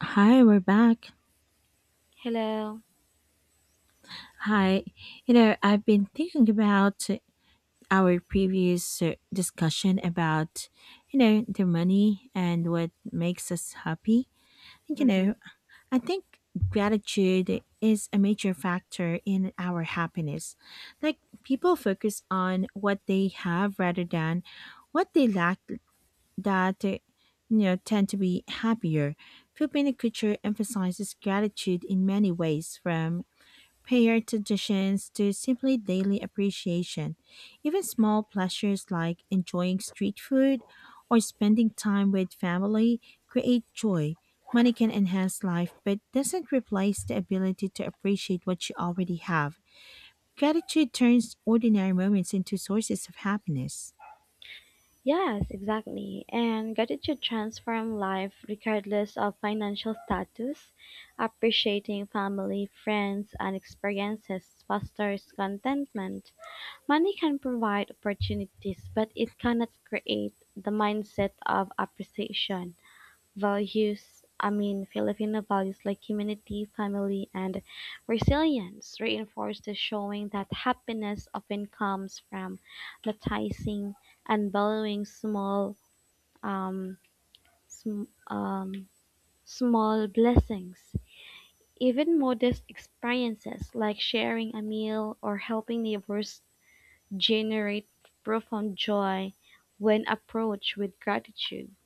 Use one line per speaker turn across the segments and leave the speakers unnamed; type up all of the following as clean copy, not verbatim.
Hi, we're back.
Hello.
Hi. I've been thinking about our previous discussion about, the money and what makes us happy. And, you
hmm
know, I think gratitude is a major factor in our happiness. Like, people focus on what they have rather than what they lack that, uh, tend to be happier. Filipino culture emphasizes gratitude in many ways, from Pair traditions to simply daily appreciation. Even small pleasures like enjoying street food or spending time with family create joy. Money can enhance life but doesn't replace the ability to appreciate what you already have. Gratitude turns ordinary moments into sources of happiness.
Yes, exactly. And gratitude transform life regardless of financial status. Appreciating family, friends, and experiences fosters contentment. Money can provide opportunities, but it cannot create the mindset of appreciation. Values, I mean, Filipino values like humanity, family, and resilience reinforce the showing that happiness often comes from noticing and valuing small, um, sm- um, small blessings. Even modest experiences like sharing a meal or helping neighbors generate profound joy when approached with gratitude.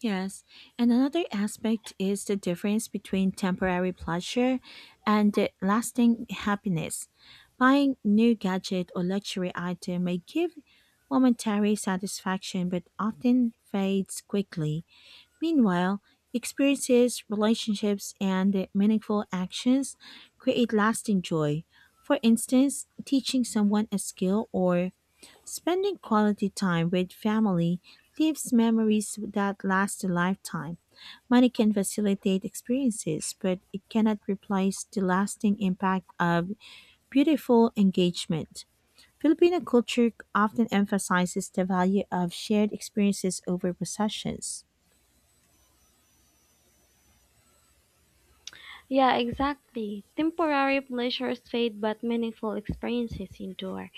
Yes, and another aspect is the difference between temporary pleasure and the lasting happiness. Buying new gadget or luxury item may give momentary satisfaction but often fades quickly. Meanwhile, experiences, relationships, and meaningful actions create lasting joy. For instance, teaching someone a skill or spending quality time with family leaves memories that last a lifetime. Money can facilitate experiences, but it cannot replace the lasting impact of beautiful engagement. Filipino culture often emphasizes the value of shared experiences over possessions.
Yeah, exactly. Temporary pleasures fade, but meaningful experiences endure.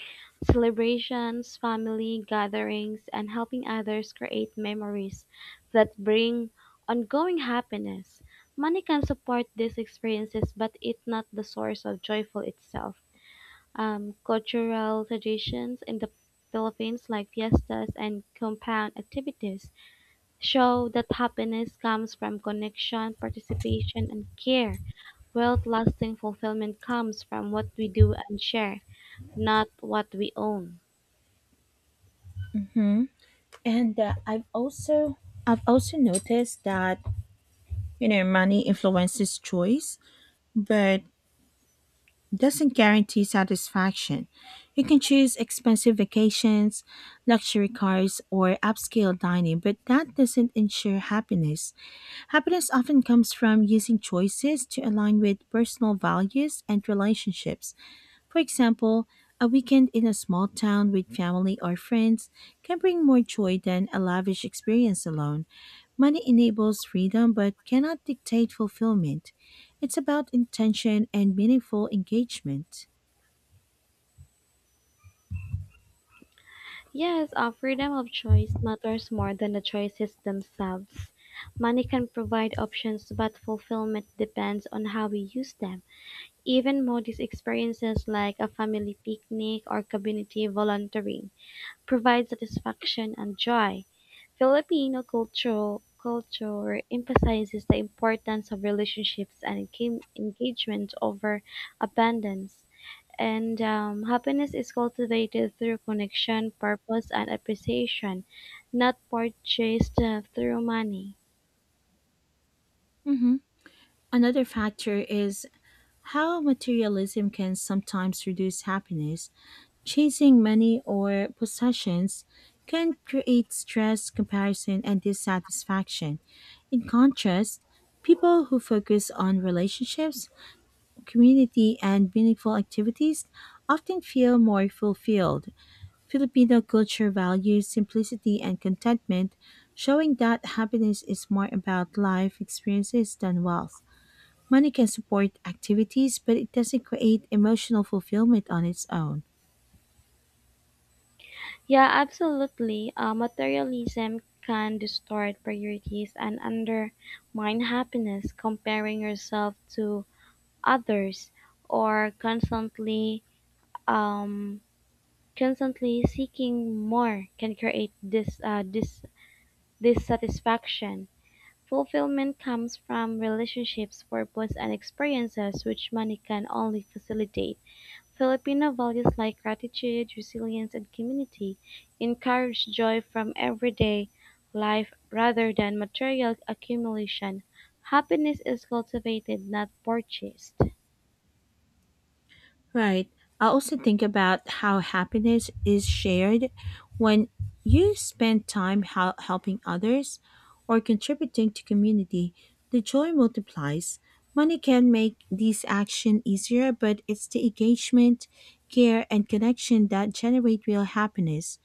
Celebrations, family gatherings, and helping others create memories that bring ongoing happiness. Money can support these experiences, but it's not the source of joyful itself. Cultural traditions in the Philippines, like fiestas and compound activities, show that happiness comes from connection, participation, and care. Wealth lasting fulfillment comes from what we do and share, not what we own.
Mm. And I've also noticed that, you know, money influences choice, but doesn't guarantee satisfaction. You can choose expensive vacations, luxury cars, or upscale dining, but that doesn't ensure happiness. Happiness often comes from using choices to align with personal values and relationships. For example, a weekend in a small town with family or friends can bring more joy than a lavish experience alone. Money enables freedom but cannot dictate fulfillment. It's about intention and meaningful engagement.
Yes, our freedom of choice matters more than the choices themselves. Money can provide options, but fulfillment depends on how we use them. Even modest experiences like a family picnic or community volunteering provide satisfaction and joy. Filipino cultural culture emphasizes the importance of relationships and engagement over abundance. And happiness is cultivated through connection, purpose, and appreciation, not purchased through money.
Mhm. Another factor is how materialism can sometimes reduce happiness. Chasing money or possessions can create stress, comparison, and dissatisfaction. In contrast, people who focus on relationships, community, and meaningful activities often feel more fulfilled. Filipino culture values simplicity and contentment, showing that happiness is more about life experiences than wealth. Money can support activities, but it doesn't create emotional fulfillment on its own.
Yeah, absolutely. Materialism can distort priorities and undermine happiness. Comparing yourself to others or constantly um, constantly seeking more can create this dissatisfaction. Fulfillment comes from relationships, purpose, and experiences which money can only facilitate. Filipino values like gratitude, resilience, and community encourage joy from everyday life rather than material accumulation. Happiness is cultivated, not purchased.
Right. I also think about how happiness is shared when you spend time helping others or contributing to community. The joy multiplies. Money can make these action easier, but it's the engagement, care, and connection that generate real happiness.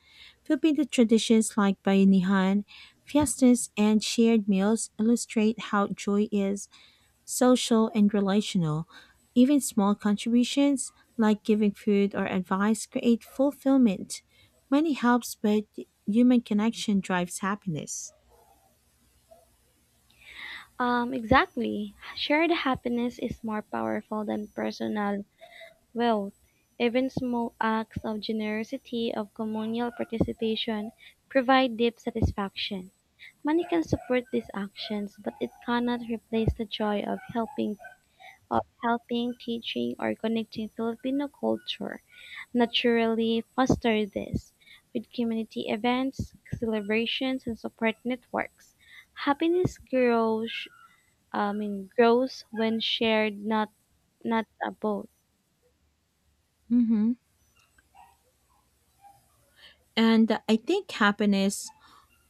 Filipino traditions like bayanihan, fiestas, and shared meals illustrate how joy is social and relational. Even small contributions, like giving food or advice, create fulfillment. Money helps, but human connection drives happiness.
Exactly. Shared happiness is more powerful than personal wealth. Even small acts of generosity, of communal participation, provide deep satisfaction. Money can support these actions, but it cannot replace the joy of helping, teaching, or connecting Filipino culture. Naturally, foster this with community events, celebrations, and support networks. Happiness grows I mean, grows when shared, not both.
hmm And I think happiness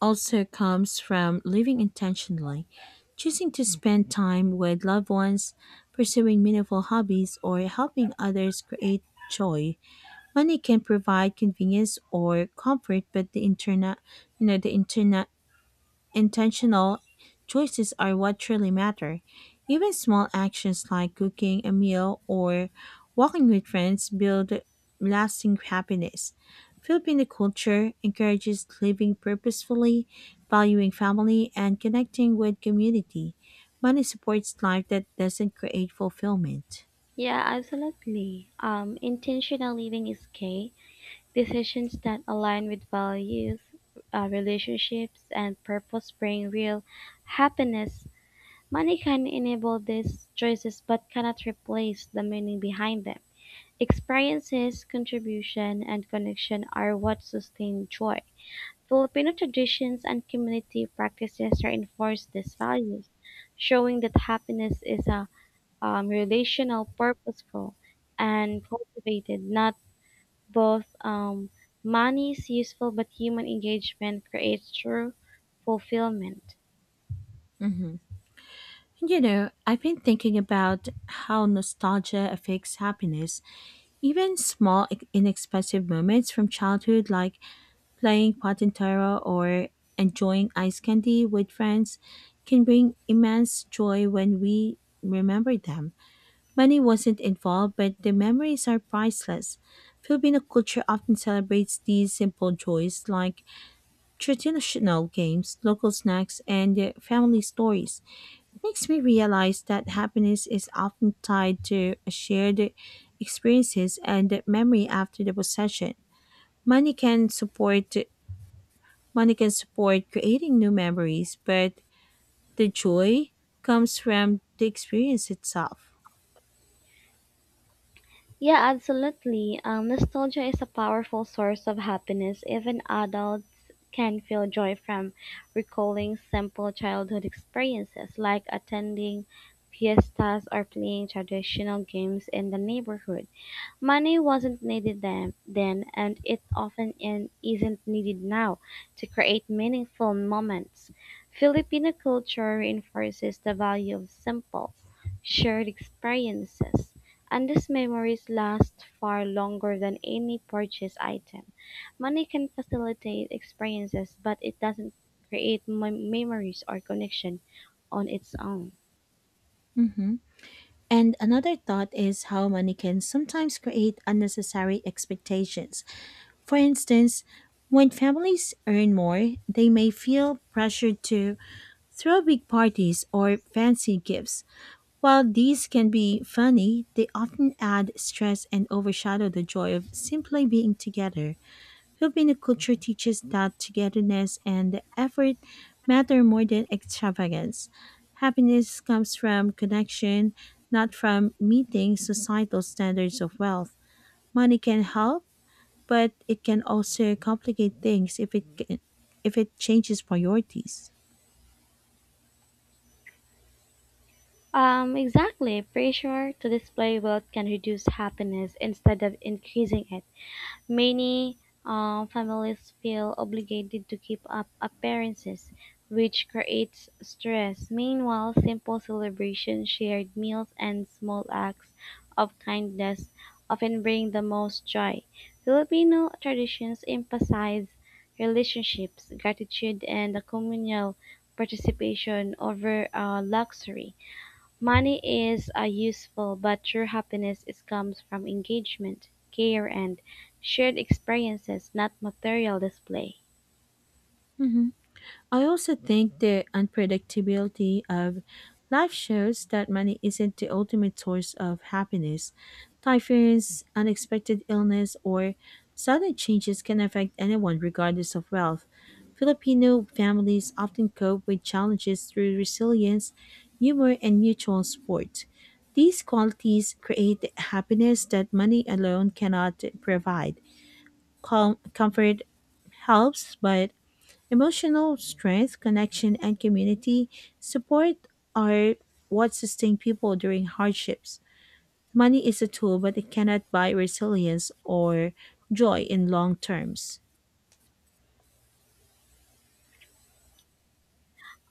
also comes from living intentionally, choosing to spend time with loved ones, pursuing meaningful hobbies, or helping others create joy. Money can provide convenience or comfort, but the internal intentional choices are what truly matter. Even small actions like cooking a meal or walking with friends build lasting happiness. Filipino culture encourages living purposefully, valuing family, and connecting with community. Money supports life that doesn't create fulfillment.
Yeah, absolutely. Intentional living is key. Decisions that align with values, relationships, and purpose bring real happiness. Money can enable these choices, but cannot replace the meaning behind them. Experiences, contribution, and connection are what sustain joy. Filipino traditions and community practices reinforce these values, showing that happiness is a relational, purposeful, and cultivated, not both money is useful, but human engagement creates true fulfillment.
Mhm. You know, I've been thinking about how nostalgia affects happiness. Even small, inexpensive moments from childhood, like playing patintero or enjoying ice candy with friends, can bring immense joy when we remember them. Money wasn't involved, but the memories are priceless. Filipino culture often celebrates these simple joys, like traditional games, local snacks, and family stories, makes me realize that happiness is often tied to shared experiences and memory after the possession. Money can support Money can support creating new memories, but the joy comes from the experience itself.
Yeah, absolutely. Nostalgia is a powerful source of happiness. Even adults can feel joy from recalling simple childhood experiences like attending fiestas or playing traditional games in the neighborhood. Money wasn't needed then and it often isn't needed now to create meaningful moments. Filipino culture reinforces the value of simple, shared experiences, and these memories last far longer than any purchase item. Money can facilitate experiences, but it doesn't create memories or connection on its own.
Mhm. And another thought is how money can sometimes create unnecessary expectations. For instance, when families earn more, they may feel pressured to throw big parties or fancy gifts. While these can be funny, they often add stress and overshadow the joy of simply being together. Filipino culture teaches that togetherness and effort matter more than extravagance. Happiness comes from connection, not from meeting societal standards of wealth. Money can help, but it can also complicate things if it changes priorities.
Exactly. Pressure to display wealth can reduce happiness instead of increasing it. Many families feel obligated to keep up appearances, which creates stress. Meanwhile, simple celebrations, shared meals, and small acts of kindness often bring the most joy. Filipino traditions emphasize relationships, gratitude, and the communal participation over luxury. Money is a useful, but true happiness is comes from engagement, care, and shared experiences, not material display.
Mhm. I also think the unpredictability of life shows that money isn't the ultimate source of happiness. Typhoons, unexpected illness, or sudden changes can affect anyone regardless of wealth. Filipino families often cope with challenges through resilience, humor, and mutual support. These qualities create happiness that money alone cannot provide. Comfort helps, but emotional strength, connection, and community support are what sustain people during hardships. Money is a tool, but it cannot buy resilience or joy in long terms.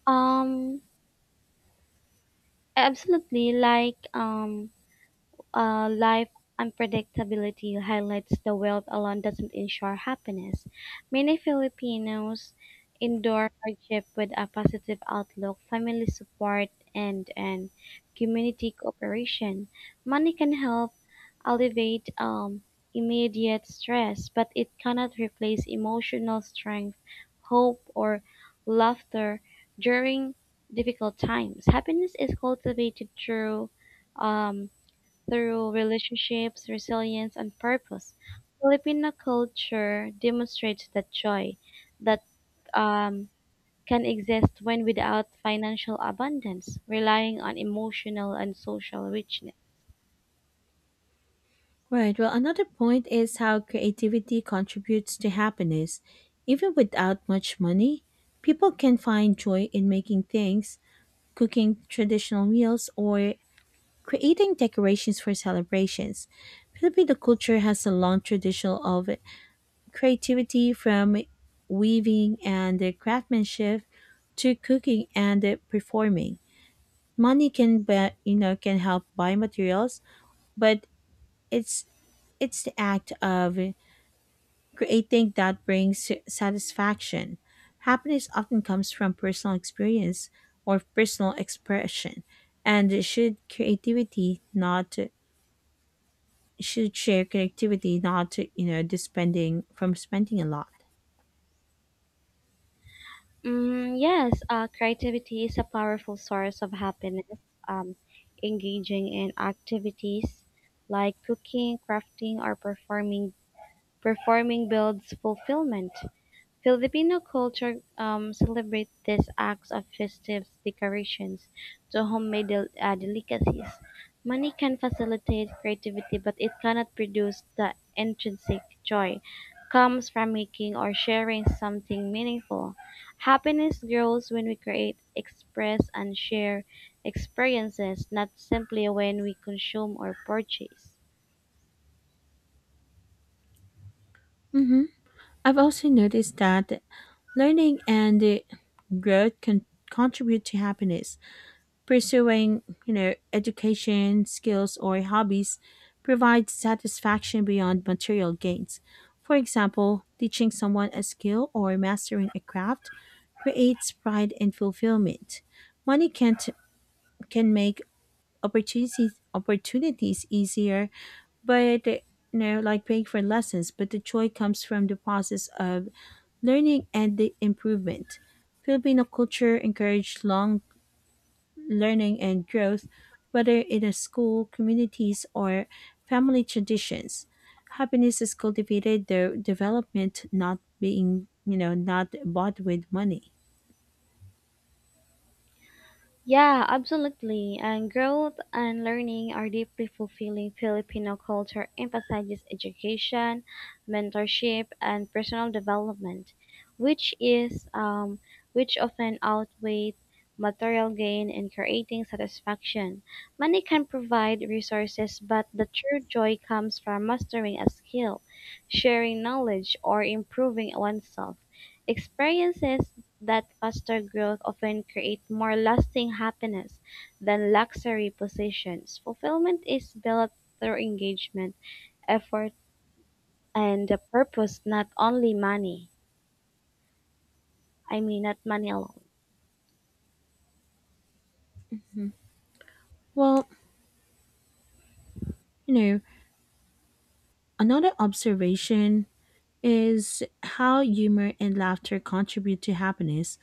Um, Absolutely. Like, life unpredictability highlights the wealth alone doesn't ensure happiness. Many Filipinos endure hardship with a positive outlook, family support, and community cooperation. Money can help alleviate immediate stress, but it cannot replace emotional strength, hope, or laughter during difficult times. Happiness is cultivated through um, through relationships, resilience, and purpose, Filipino culture demonstrates that joy that um, can exist when without financial abundance, relying on emotional and social richness.
Right. Well, another point is how creativity contributes to happiness. Even without much money, people can find joy in making things, cooking traditional meals, or creating decorations for celebrations. Filipino culture has a long tradition of creativity, from weaving and craftsmanship to cooking and performing. Money can be, you know can help buy materials, but it's it's the act of creating that brings satisfaction. Happiness often comes from personal experience or personal expression, and should share creativity, not, just spending a lot.
Mm, yes, creativity is a powerful source of happiness. Um, Engaging in activities like cooking, crafting, or performing builds fulfillment, Filipino culture celebrates these acts of festive decorations to homemade delicacies. Money can facilitate creativity, but it cannot produce the intrinsic joy comes from making or sharing something meaningful. Happiness grows when we create, express, and share experiences, not simply when we consume or purchase.
Mhm. I've also noticed that learning and growth can contribute to happiness. Pursuing, education, skills, or hobbies provides satisfaction beyond material gains. For example, teaching someone a skill or mastering a craft creates pride and fulfillment. Money can't can make opportunities easier, but, like paying for lessons, but the joy comes from the process of learning and the improvement. Filipino culture encourage long learning and growth, whether in a school, communities, or family traditions. Happiness is cultivated through development, not being, not bought with money.
Yeah, absolutely. And growth and learning are deeply fulfilling. Filipino culture emphasizes education, mentorship, and personal development, which is um, which often outweighs material gain in creating satisfaction. Money can provide resources, but the true joy comes from mastering a skill, sharing knowledge, or improving oneself. Experiences that faster growth often create more lasting happiness than luxury possessions. Fulfillment is built through engagement, effort, and a purpose, not only money. I mean, not money alone.
Mhm. Well, you know, another observation is how humor and laughter contribute to happiness.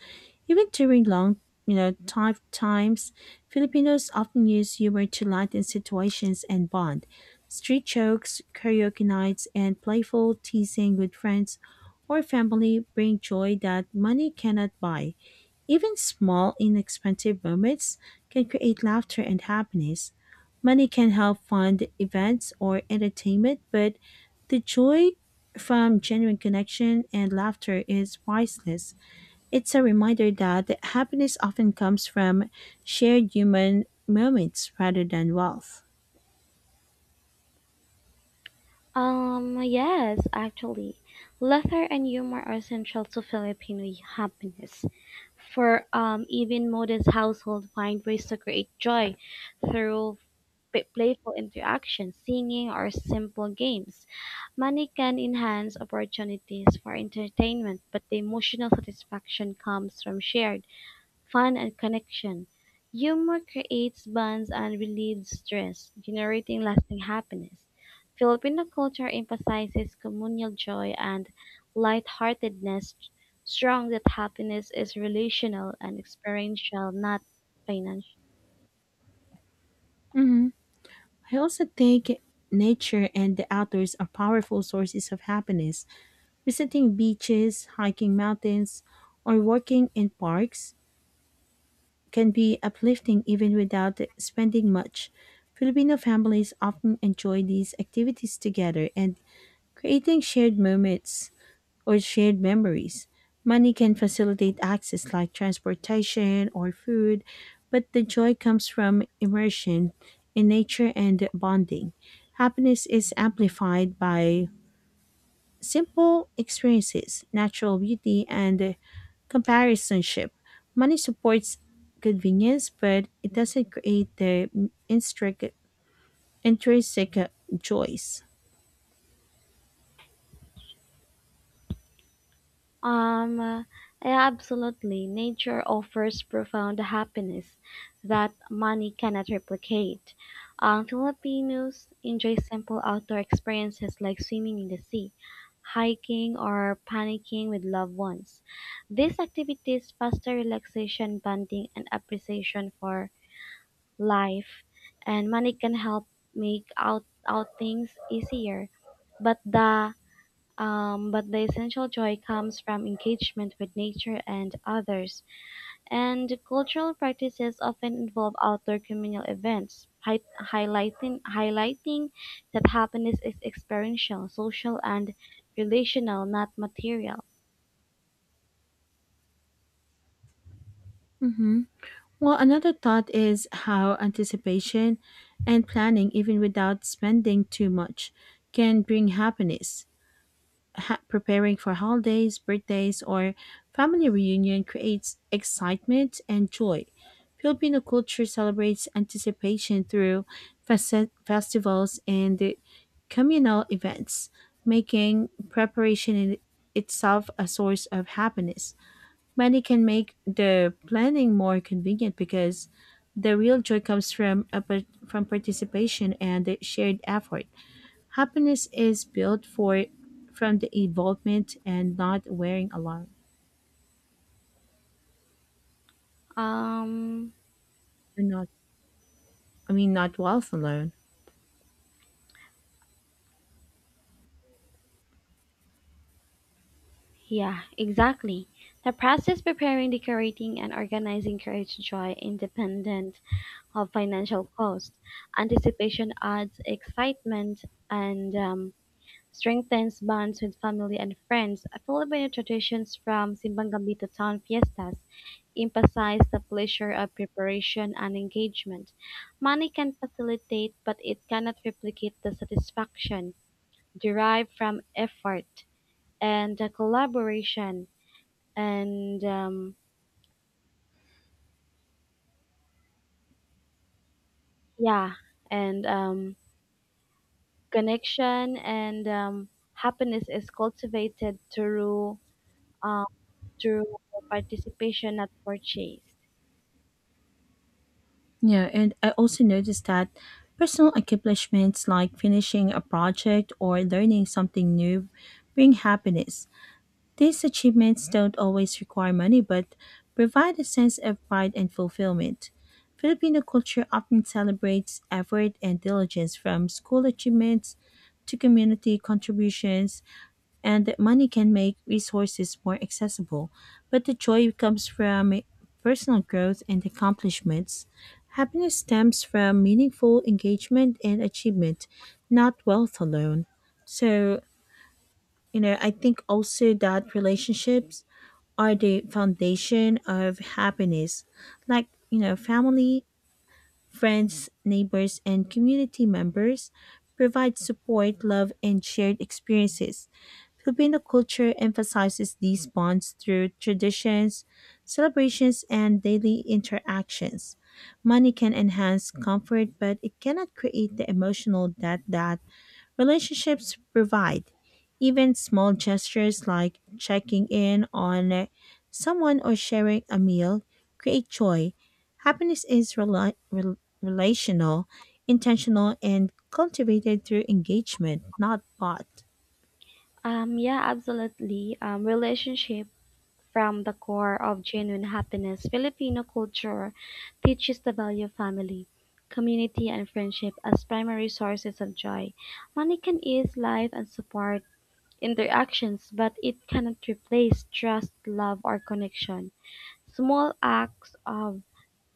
Even during long, tough times, Filipinos often use humor to lighten situations and bond. Street jokes, karaoke nights, and playful teasing with friends or family bring joy that money cannot buy. Even small, inexpensive moments can create laughter and happiness. Money can help fund events or entertainment, but the joy from genuine connection and laughter is priceless. It's a reminder that happiness often comes from shared human moments rather than wealth.
Yes, actually, laughter and humor are essential to Filipino happiness. For even modest household find ways to create joy through playful interactions, singing, or simple games. Money can enhance opportunities for entertainment, but the emotional satisfaction comes from shared fun and connection. Humor creates bonds and relieves stress, generating lasting happiness. Filipino culture emphasizes communal joy and lightheartedness, strong that happiness is relational and experiential, not financial.
Mhm. I also think nature and the outdoors are powerful sources of happiness. Visiting beaches, hiking mountains, or working in parks can be uplifting even without spending much. Filipino families often enjoy these activities together and creating shared moments or shared memories. Money can facilitate access like transportation or food, but the joy comes from immersion in nature and bonding. Happiness is amplified by simple experiences, natural beauty, and comparisonship. Money supports convenience, but it doesn't create the intrinsic, intrinsic joys.
Um, uh, Absolutely. Nature offers profound happiness that money cannot replicate. Filipinos enjoy simple outdoor experiences like swimming in the sea, hiking, or panicking with loved ones. These activities foster relaxation, bonding, and appreciation for life, and money can help make out outings easier. But the but the essential joy comes from engagement with nature and others. And cultural practices often involve outdoor communal events, highlighting that happiness is experiential, social, and relational, not material.
hmm Well, another thought is how anticipation and planning, even without spending too much, can bring happiness. Preparing for holidays, birthdays, or family reunion creates excitement and joy. Filipino culture celebrates anticipation through festivals and communal events, making preparation in itself a source of happiness. Money can make the planning more convenient because the real joy comes from from participation and shared effort. Happiness is built for from the involvement and not wearing alone.
Um,
And Not I mean, not wealth alone.
yeah, exactly. The process preparing, decorating, and organizing creates joy independent of financial cost. Anticipation adds excitement and strengthens bonds with family and friends. Filipino traditions from Simbang Gambito town fiestas emphasize the pleasure of preparation and engagement. Money can facilitate, but it cannot replicate the satisfaction derived from effort and collaboration and yeah, and um, connection and happiness is cultivated through uh, through participation, not purchase.
Yeah, and I also noticed that personal accomplishments like finishing a project or learning something new bring happiness. These achievements don't always require money but provide a sense of pride and fulfillment. Filipino culture often celebrates effort and diligence, from school achievements to community contributions, and that money can make resources more accessible, but the joy comes from personal growth and accomplishments. Happiness stems from meaningful engagement and achievement, not wealth alone. So, I think also that relationships are the foundation of happiness, like, family, friends, neighbors, and community members provide support, love, and shared experiences. Filipino culture emphasizes these bonds through traditions, celebrations, and daily interactions. Money can enhance comfort, but it cannot create the emotional debt that relationships provide. Even small gestures like checking in on someone or sharing a meal create joy. Happiness is relational, intentional, and cultivated through engagement, not bought.
Yeah, absolutely. Relationship from the core of genuine happiness. Filipino culture teaches the value of family, community, and friendship as primary sources of joy. Money can ease life and support interactions, but it cannot replace trust, love, or connection. Small acts of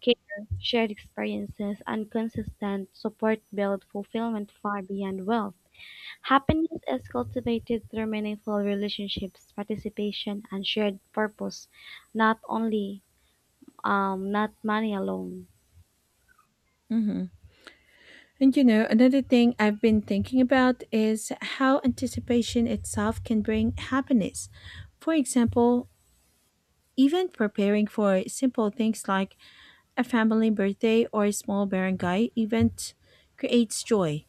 care, shared experiences, and consistent support build fulfillment far beyond wealth. Happiness is cultivated through meaningful relationships, participation, and shared purpose, not only not money alone.
Mm-hmm. And, you know, another thing I've been thinking about is how anticipation itself can bring happiness. For example, even preparing for simple things like a family birthday or a small barangay event creates joy.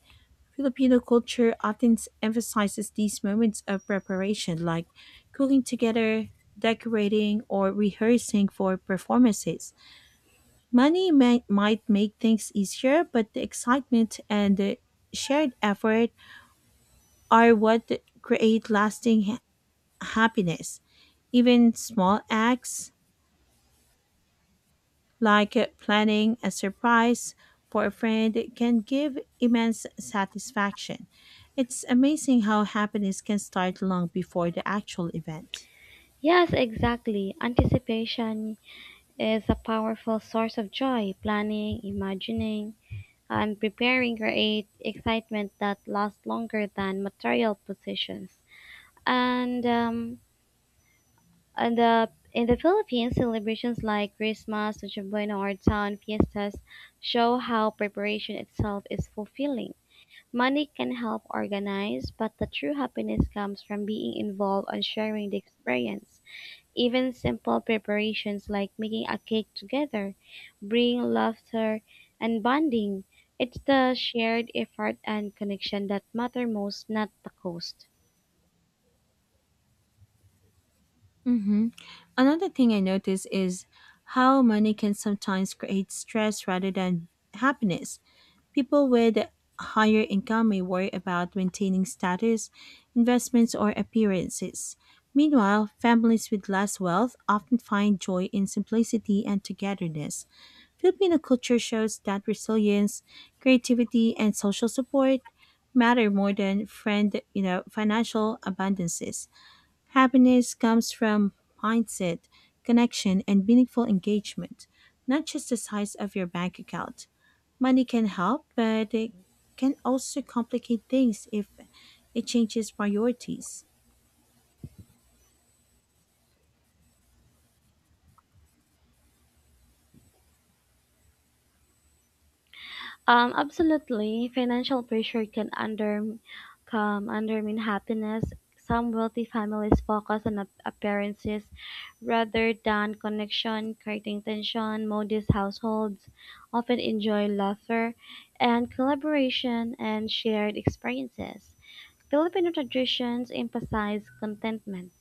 Filipino culture often emphasizes these moments of preparation, like cooking together, decorating, or rehearsing for performances. Money might make things easier, but the excitement and the shared effort are what create lasting happiness. Even small acts like planning a surprise for a friend can give immense satisfaction. It's amazing how happiness can start long before the actual event.
Yes, exactly. Anticipation is a powerful source of joy. Planning, imagining, and preparing create excitement that lasts longer than material possessions. And um, And In the Philippines, celebrations like Christmas, Noche Buena, or town fiestas show how preparation itself is fulfilling. Money can help organize, but the true happiness comes from being involved and sharing the experience. Even simple preparations like making a cake together bring laughter and bonding. It's the shared effort and connection that matter most, not the cost.
Mm-hmm. Another thing I notice is how money can sometimes create stress rather than happiness. People with higher income may worry about maintaining status, investments, or appearances. Meanwhile, families with less wealth often find joy in simplicity and togetherness. Filipino culture shows that resilience, creativity, and social support matter more than financial abundances. Happiness comes from mindset, connection, and meaningful engagement, not just the size of your bank account. Money can help, but it can also complicate things if it changes priorities.
Absolutely. Financial pressure can come undermine happiness. Some wealthy families focus on appearances rather than connection, creating tension. Modest households often enjoy laughter and collaboration and shared experiences. Filipino traditions emphasize contentment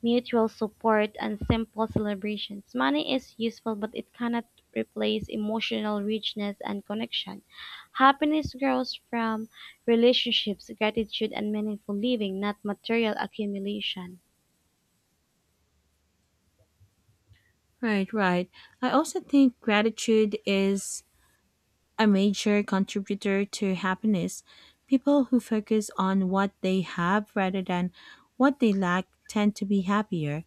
mutual support, and simple celebrations. Money is useful, but it cannot replace emotional richness and connection. Happiness grows from relationships, gratitude, and meaningful living, not material accumulation.
Right, right. I also think gratitude is a major contributor to happiness. People who focus on what they have rather than what they lack tend to be happier.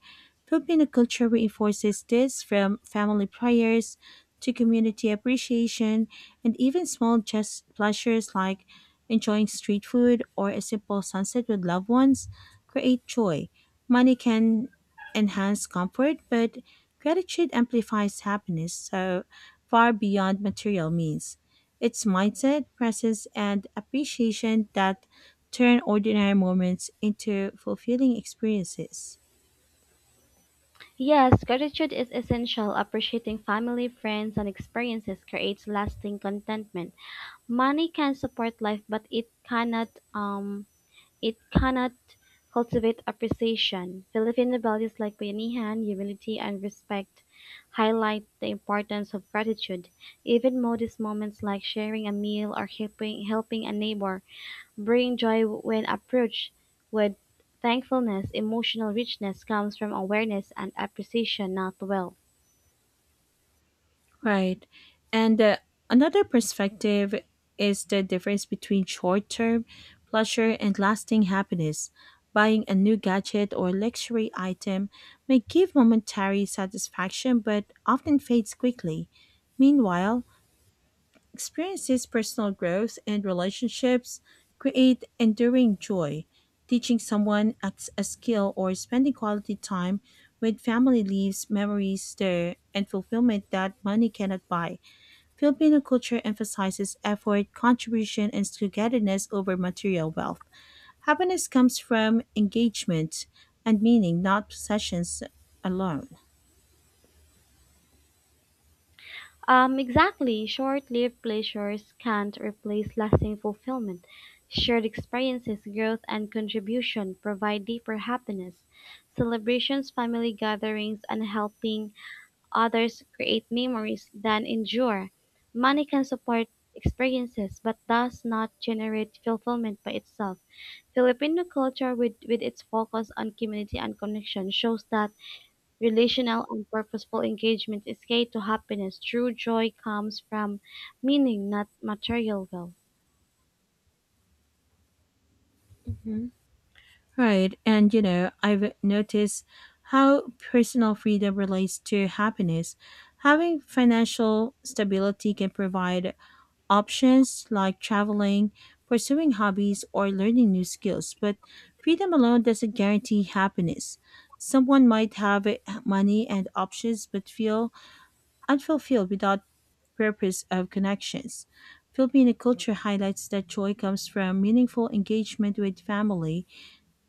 Filipino culture reinforces this, from family prayers to community appreciation, and even small just pleasures like enjoying street food or a simple sunset with loved ones create joy. Money can enhance comfort, but gratitude amplifies happiness so far beyond material means. It's mindset, presence, and appreciation that turn ordinary moments into fulfilling experiences.
Yes, gratitude is essential. Appreciating family, friends, and experiences creates lasting contentment. Money can support life, but it cannot it cannot cultivate appreciation. Filipino values like Bayanihan, humility, and respect highlight the importance of gratitude. Even modest moments like sharing a meal or helping a neighbor bring joy when approached with thankfulness. Emotional richness comes from awareness and appreciation, not wealth.
Right. And another perspective is the difference between short term pleasure and lasting happiness. Buying a new gadget or luxury item may give momentary satisfaction but often fades quickly. Meanwhile, experiences, personal growth, and relationships create enduring joy. Teaching someone a skill or spending quality time with family leaves memories there and fulfillment that money cannot buy. Filipino culture emphasizes effort, contribution, and togetherness over material wealth. Happiness comes from engagement and meaning, not possessions alone.
Exactly. Short-lived pleasures can't replace lasting fulfillment. Shared experiences, growth, and contribution provide deeper happiness. Celebrations, family gatherings, and helping others create memories that endure. Money can support experiences, but does not generate fulfillment by itself. Filipino culture, with its focus on community and connection, shows that relational and purposeful engagement is key to happiness. True joy comes from meaning, not material wealth.
Mhm. Right. And, you know, I've noticed how personal freedom relates to happiness. Having financial stability can provide options like traveling, pursuing hobbies, or learning new skills, but freedom alone doesn't guarantee happiness. Someone might have money and options but feel unfulfilled without purpose of connections. Filipino culture highlights that joy comes from meaningful engagement with family,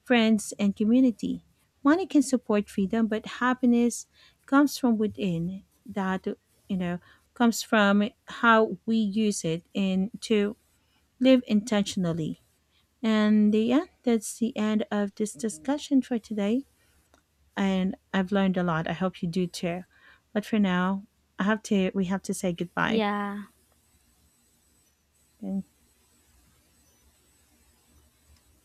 friends, and community. Money can support freedom, but happiness comes from within. That you know comes from how we use it and to live intentionally. And yeah, that's the end of this discussion for today. And I've learned a lot. I hope you do too. But for now, I have to. We have to say goodbye.
Yeah.
Thank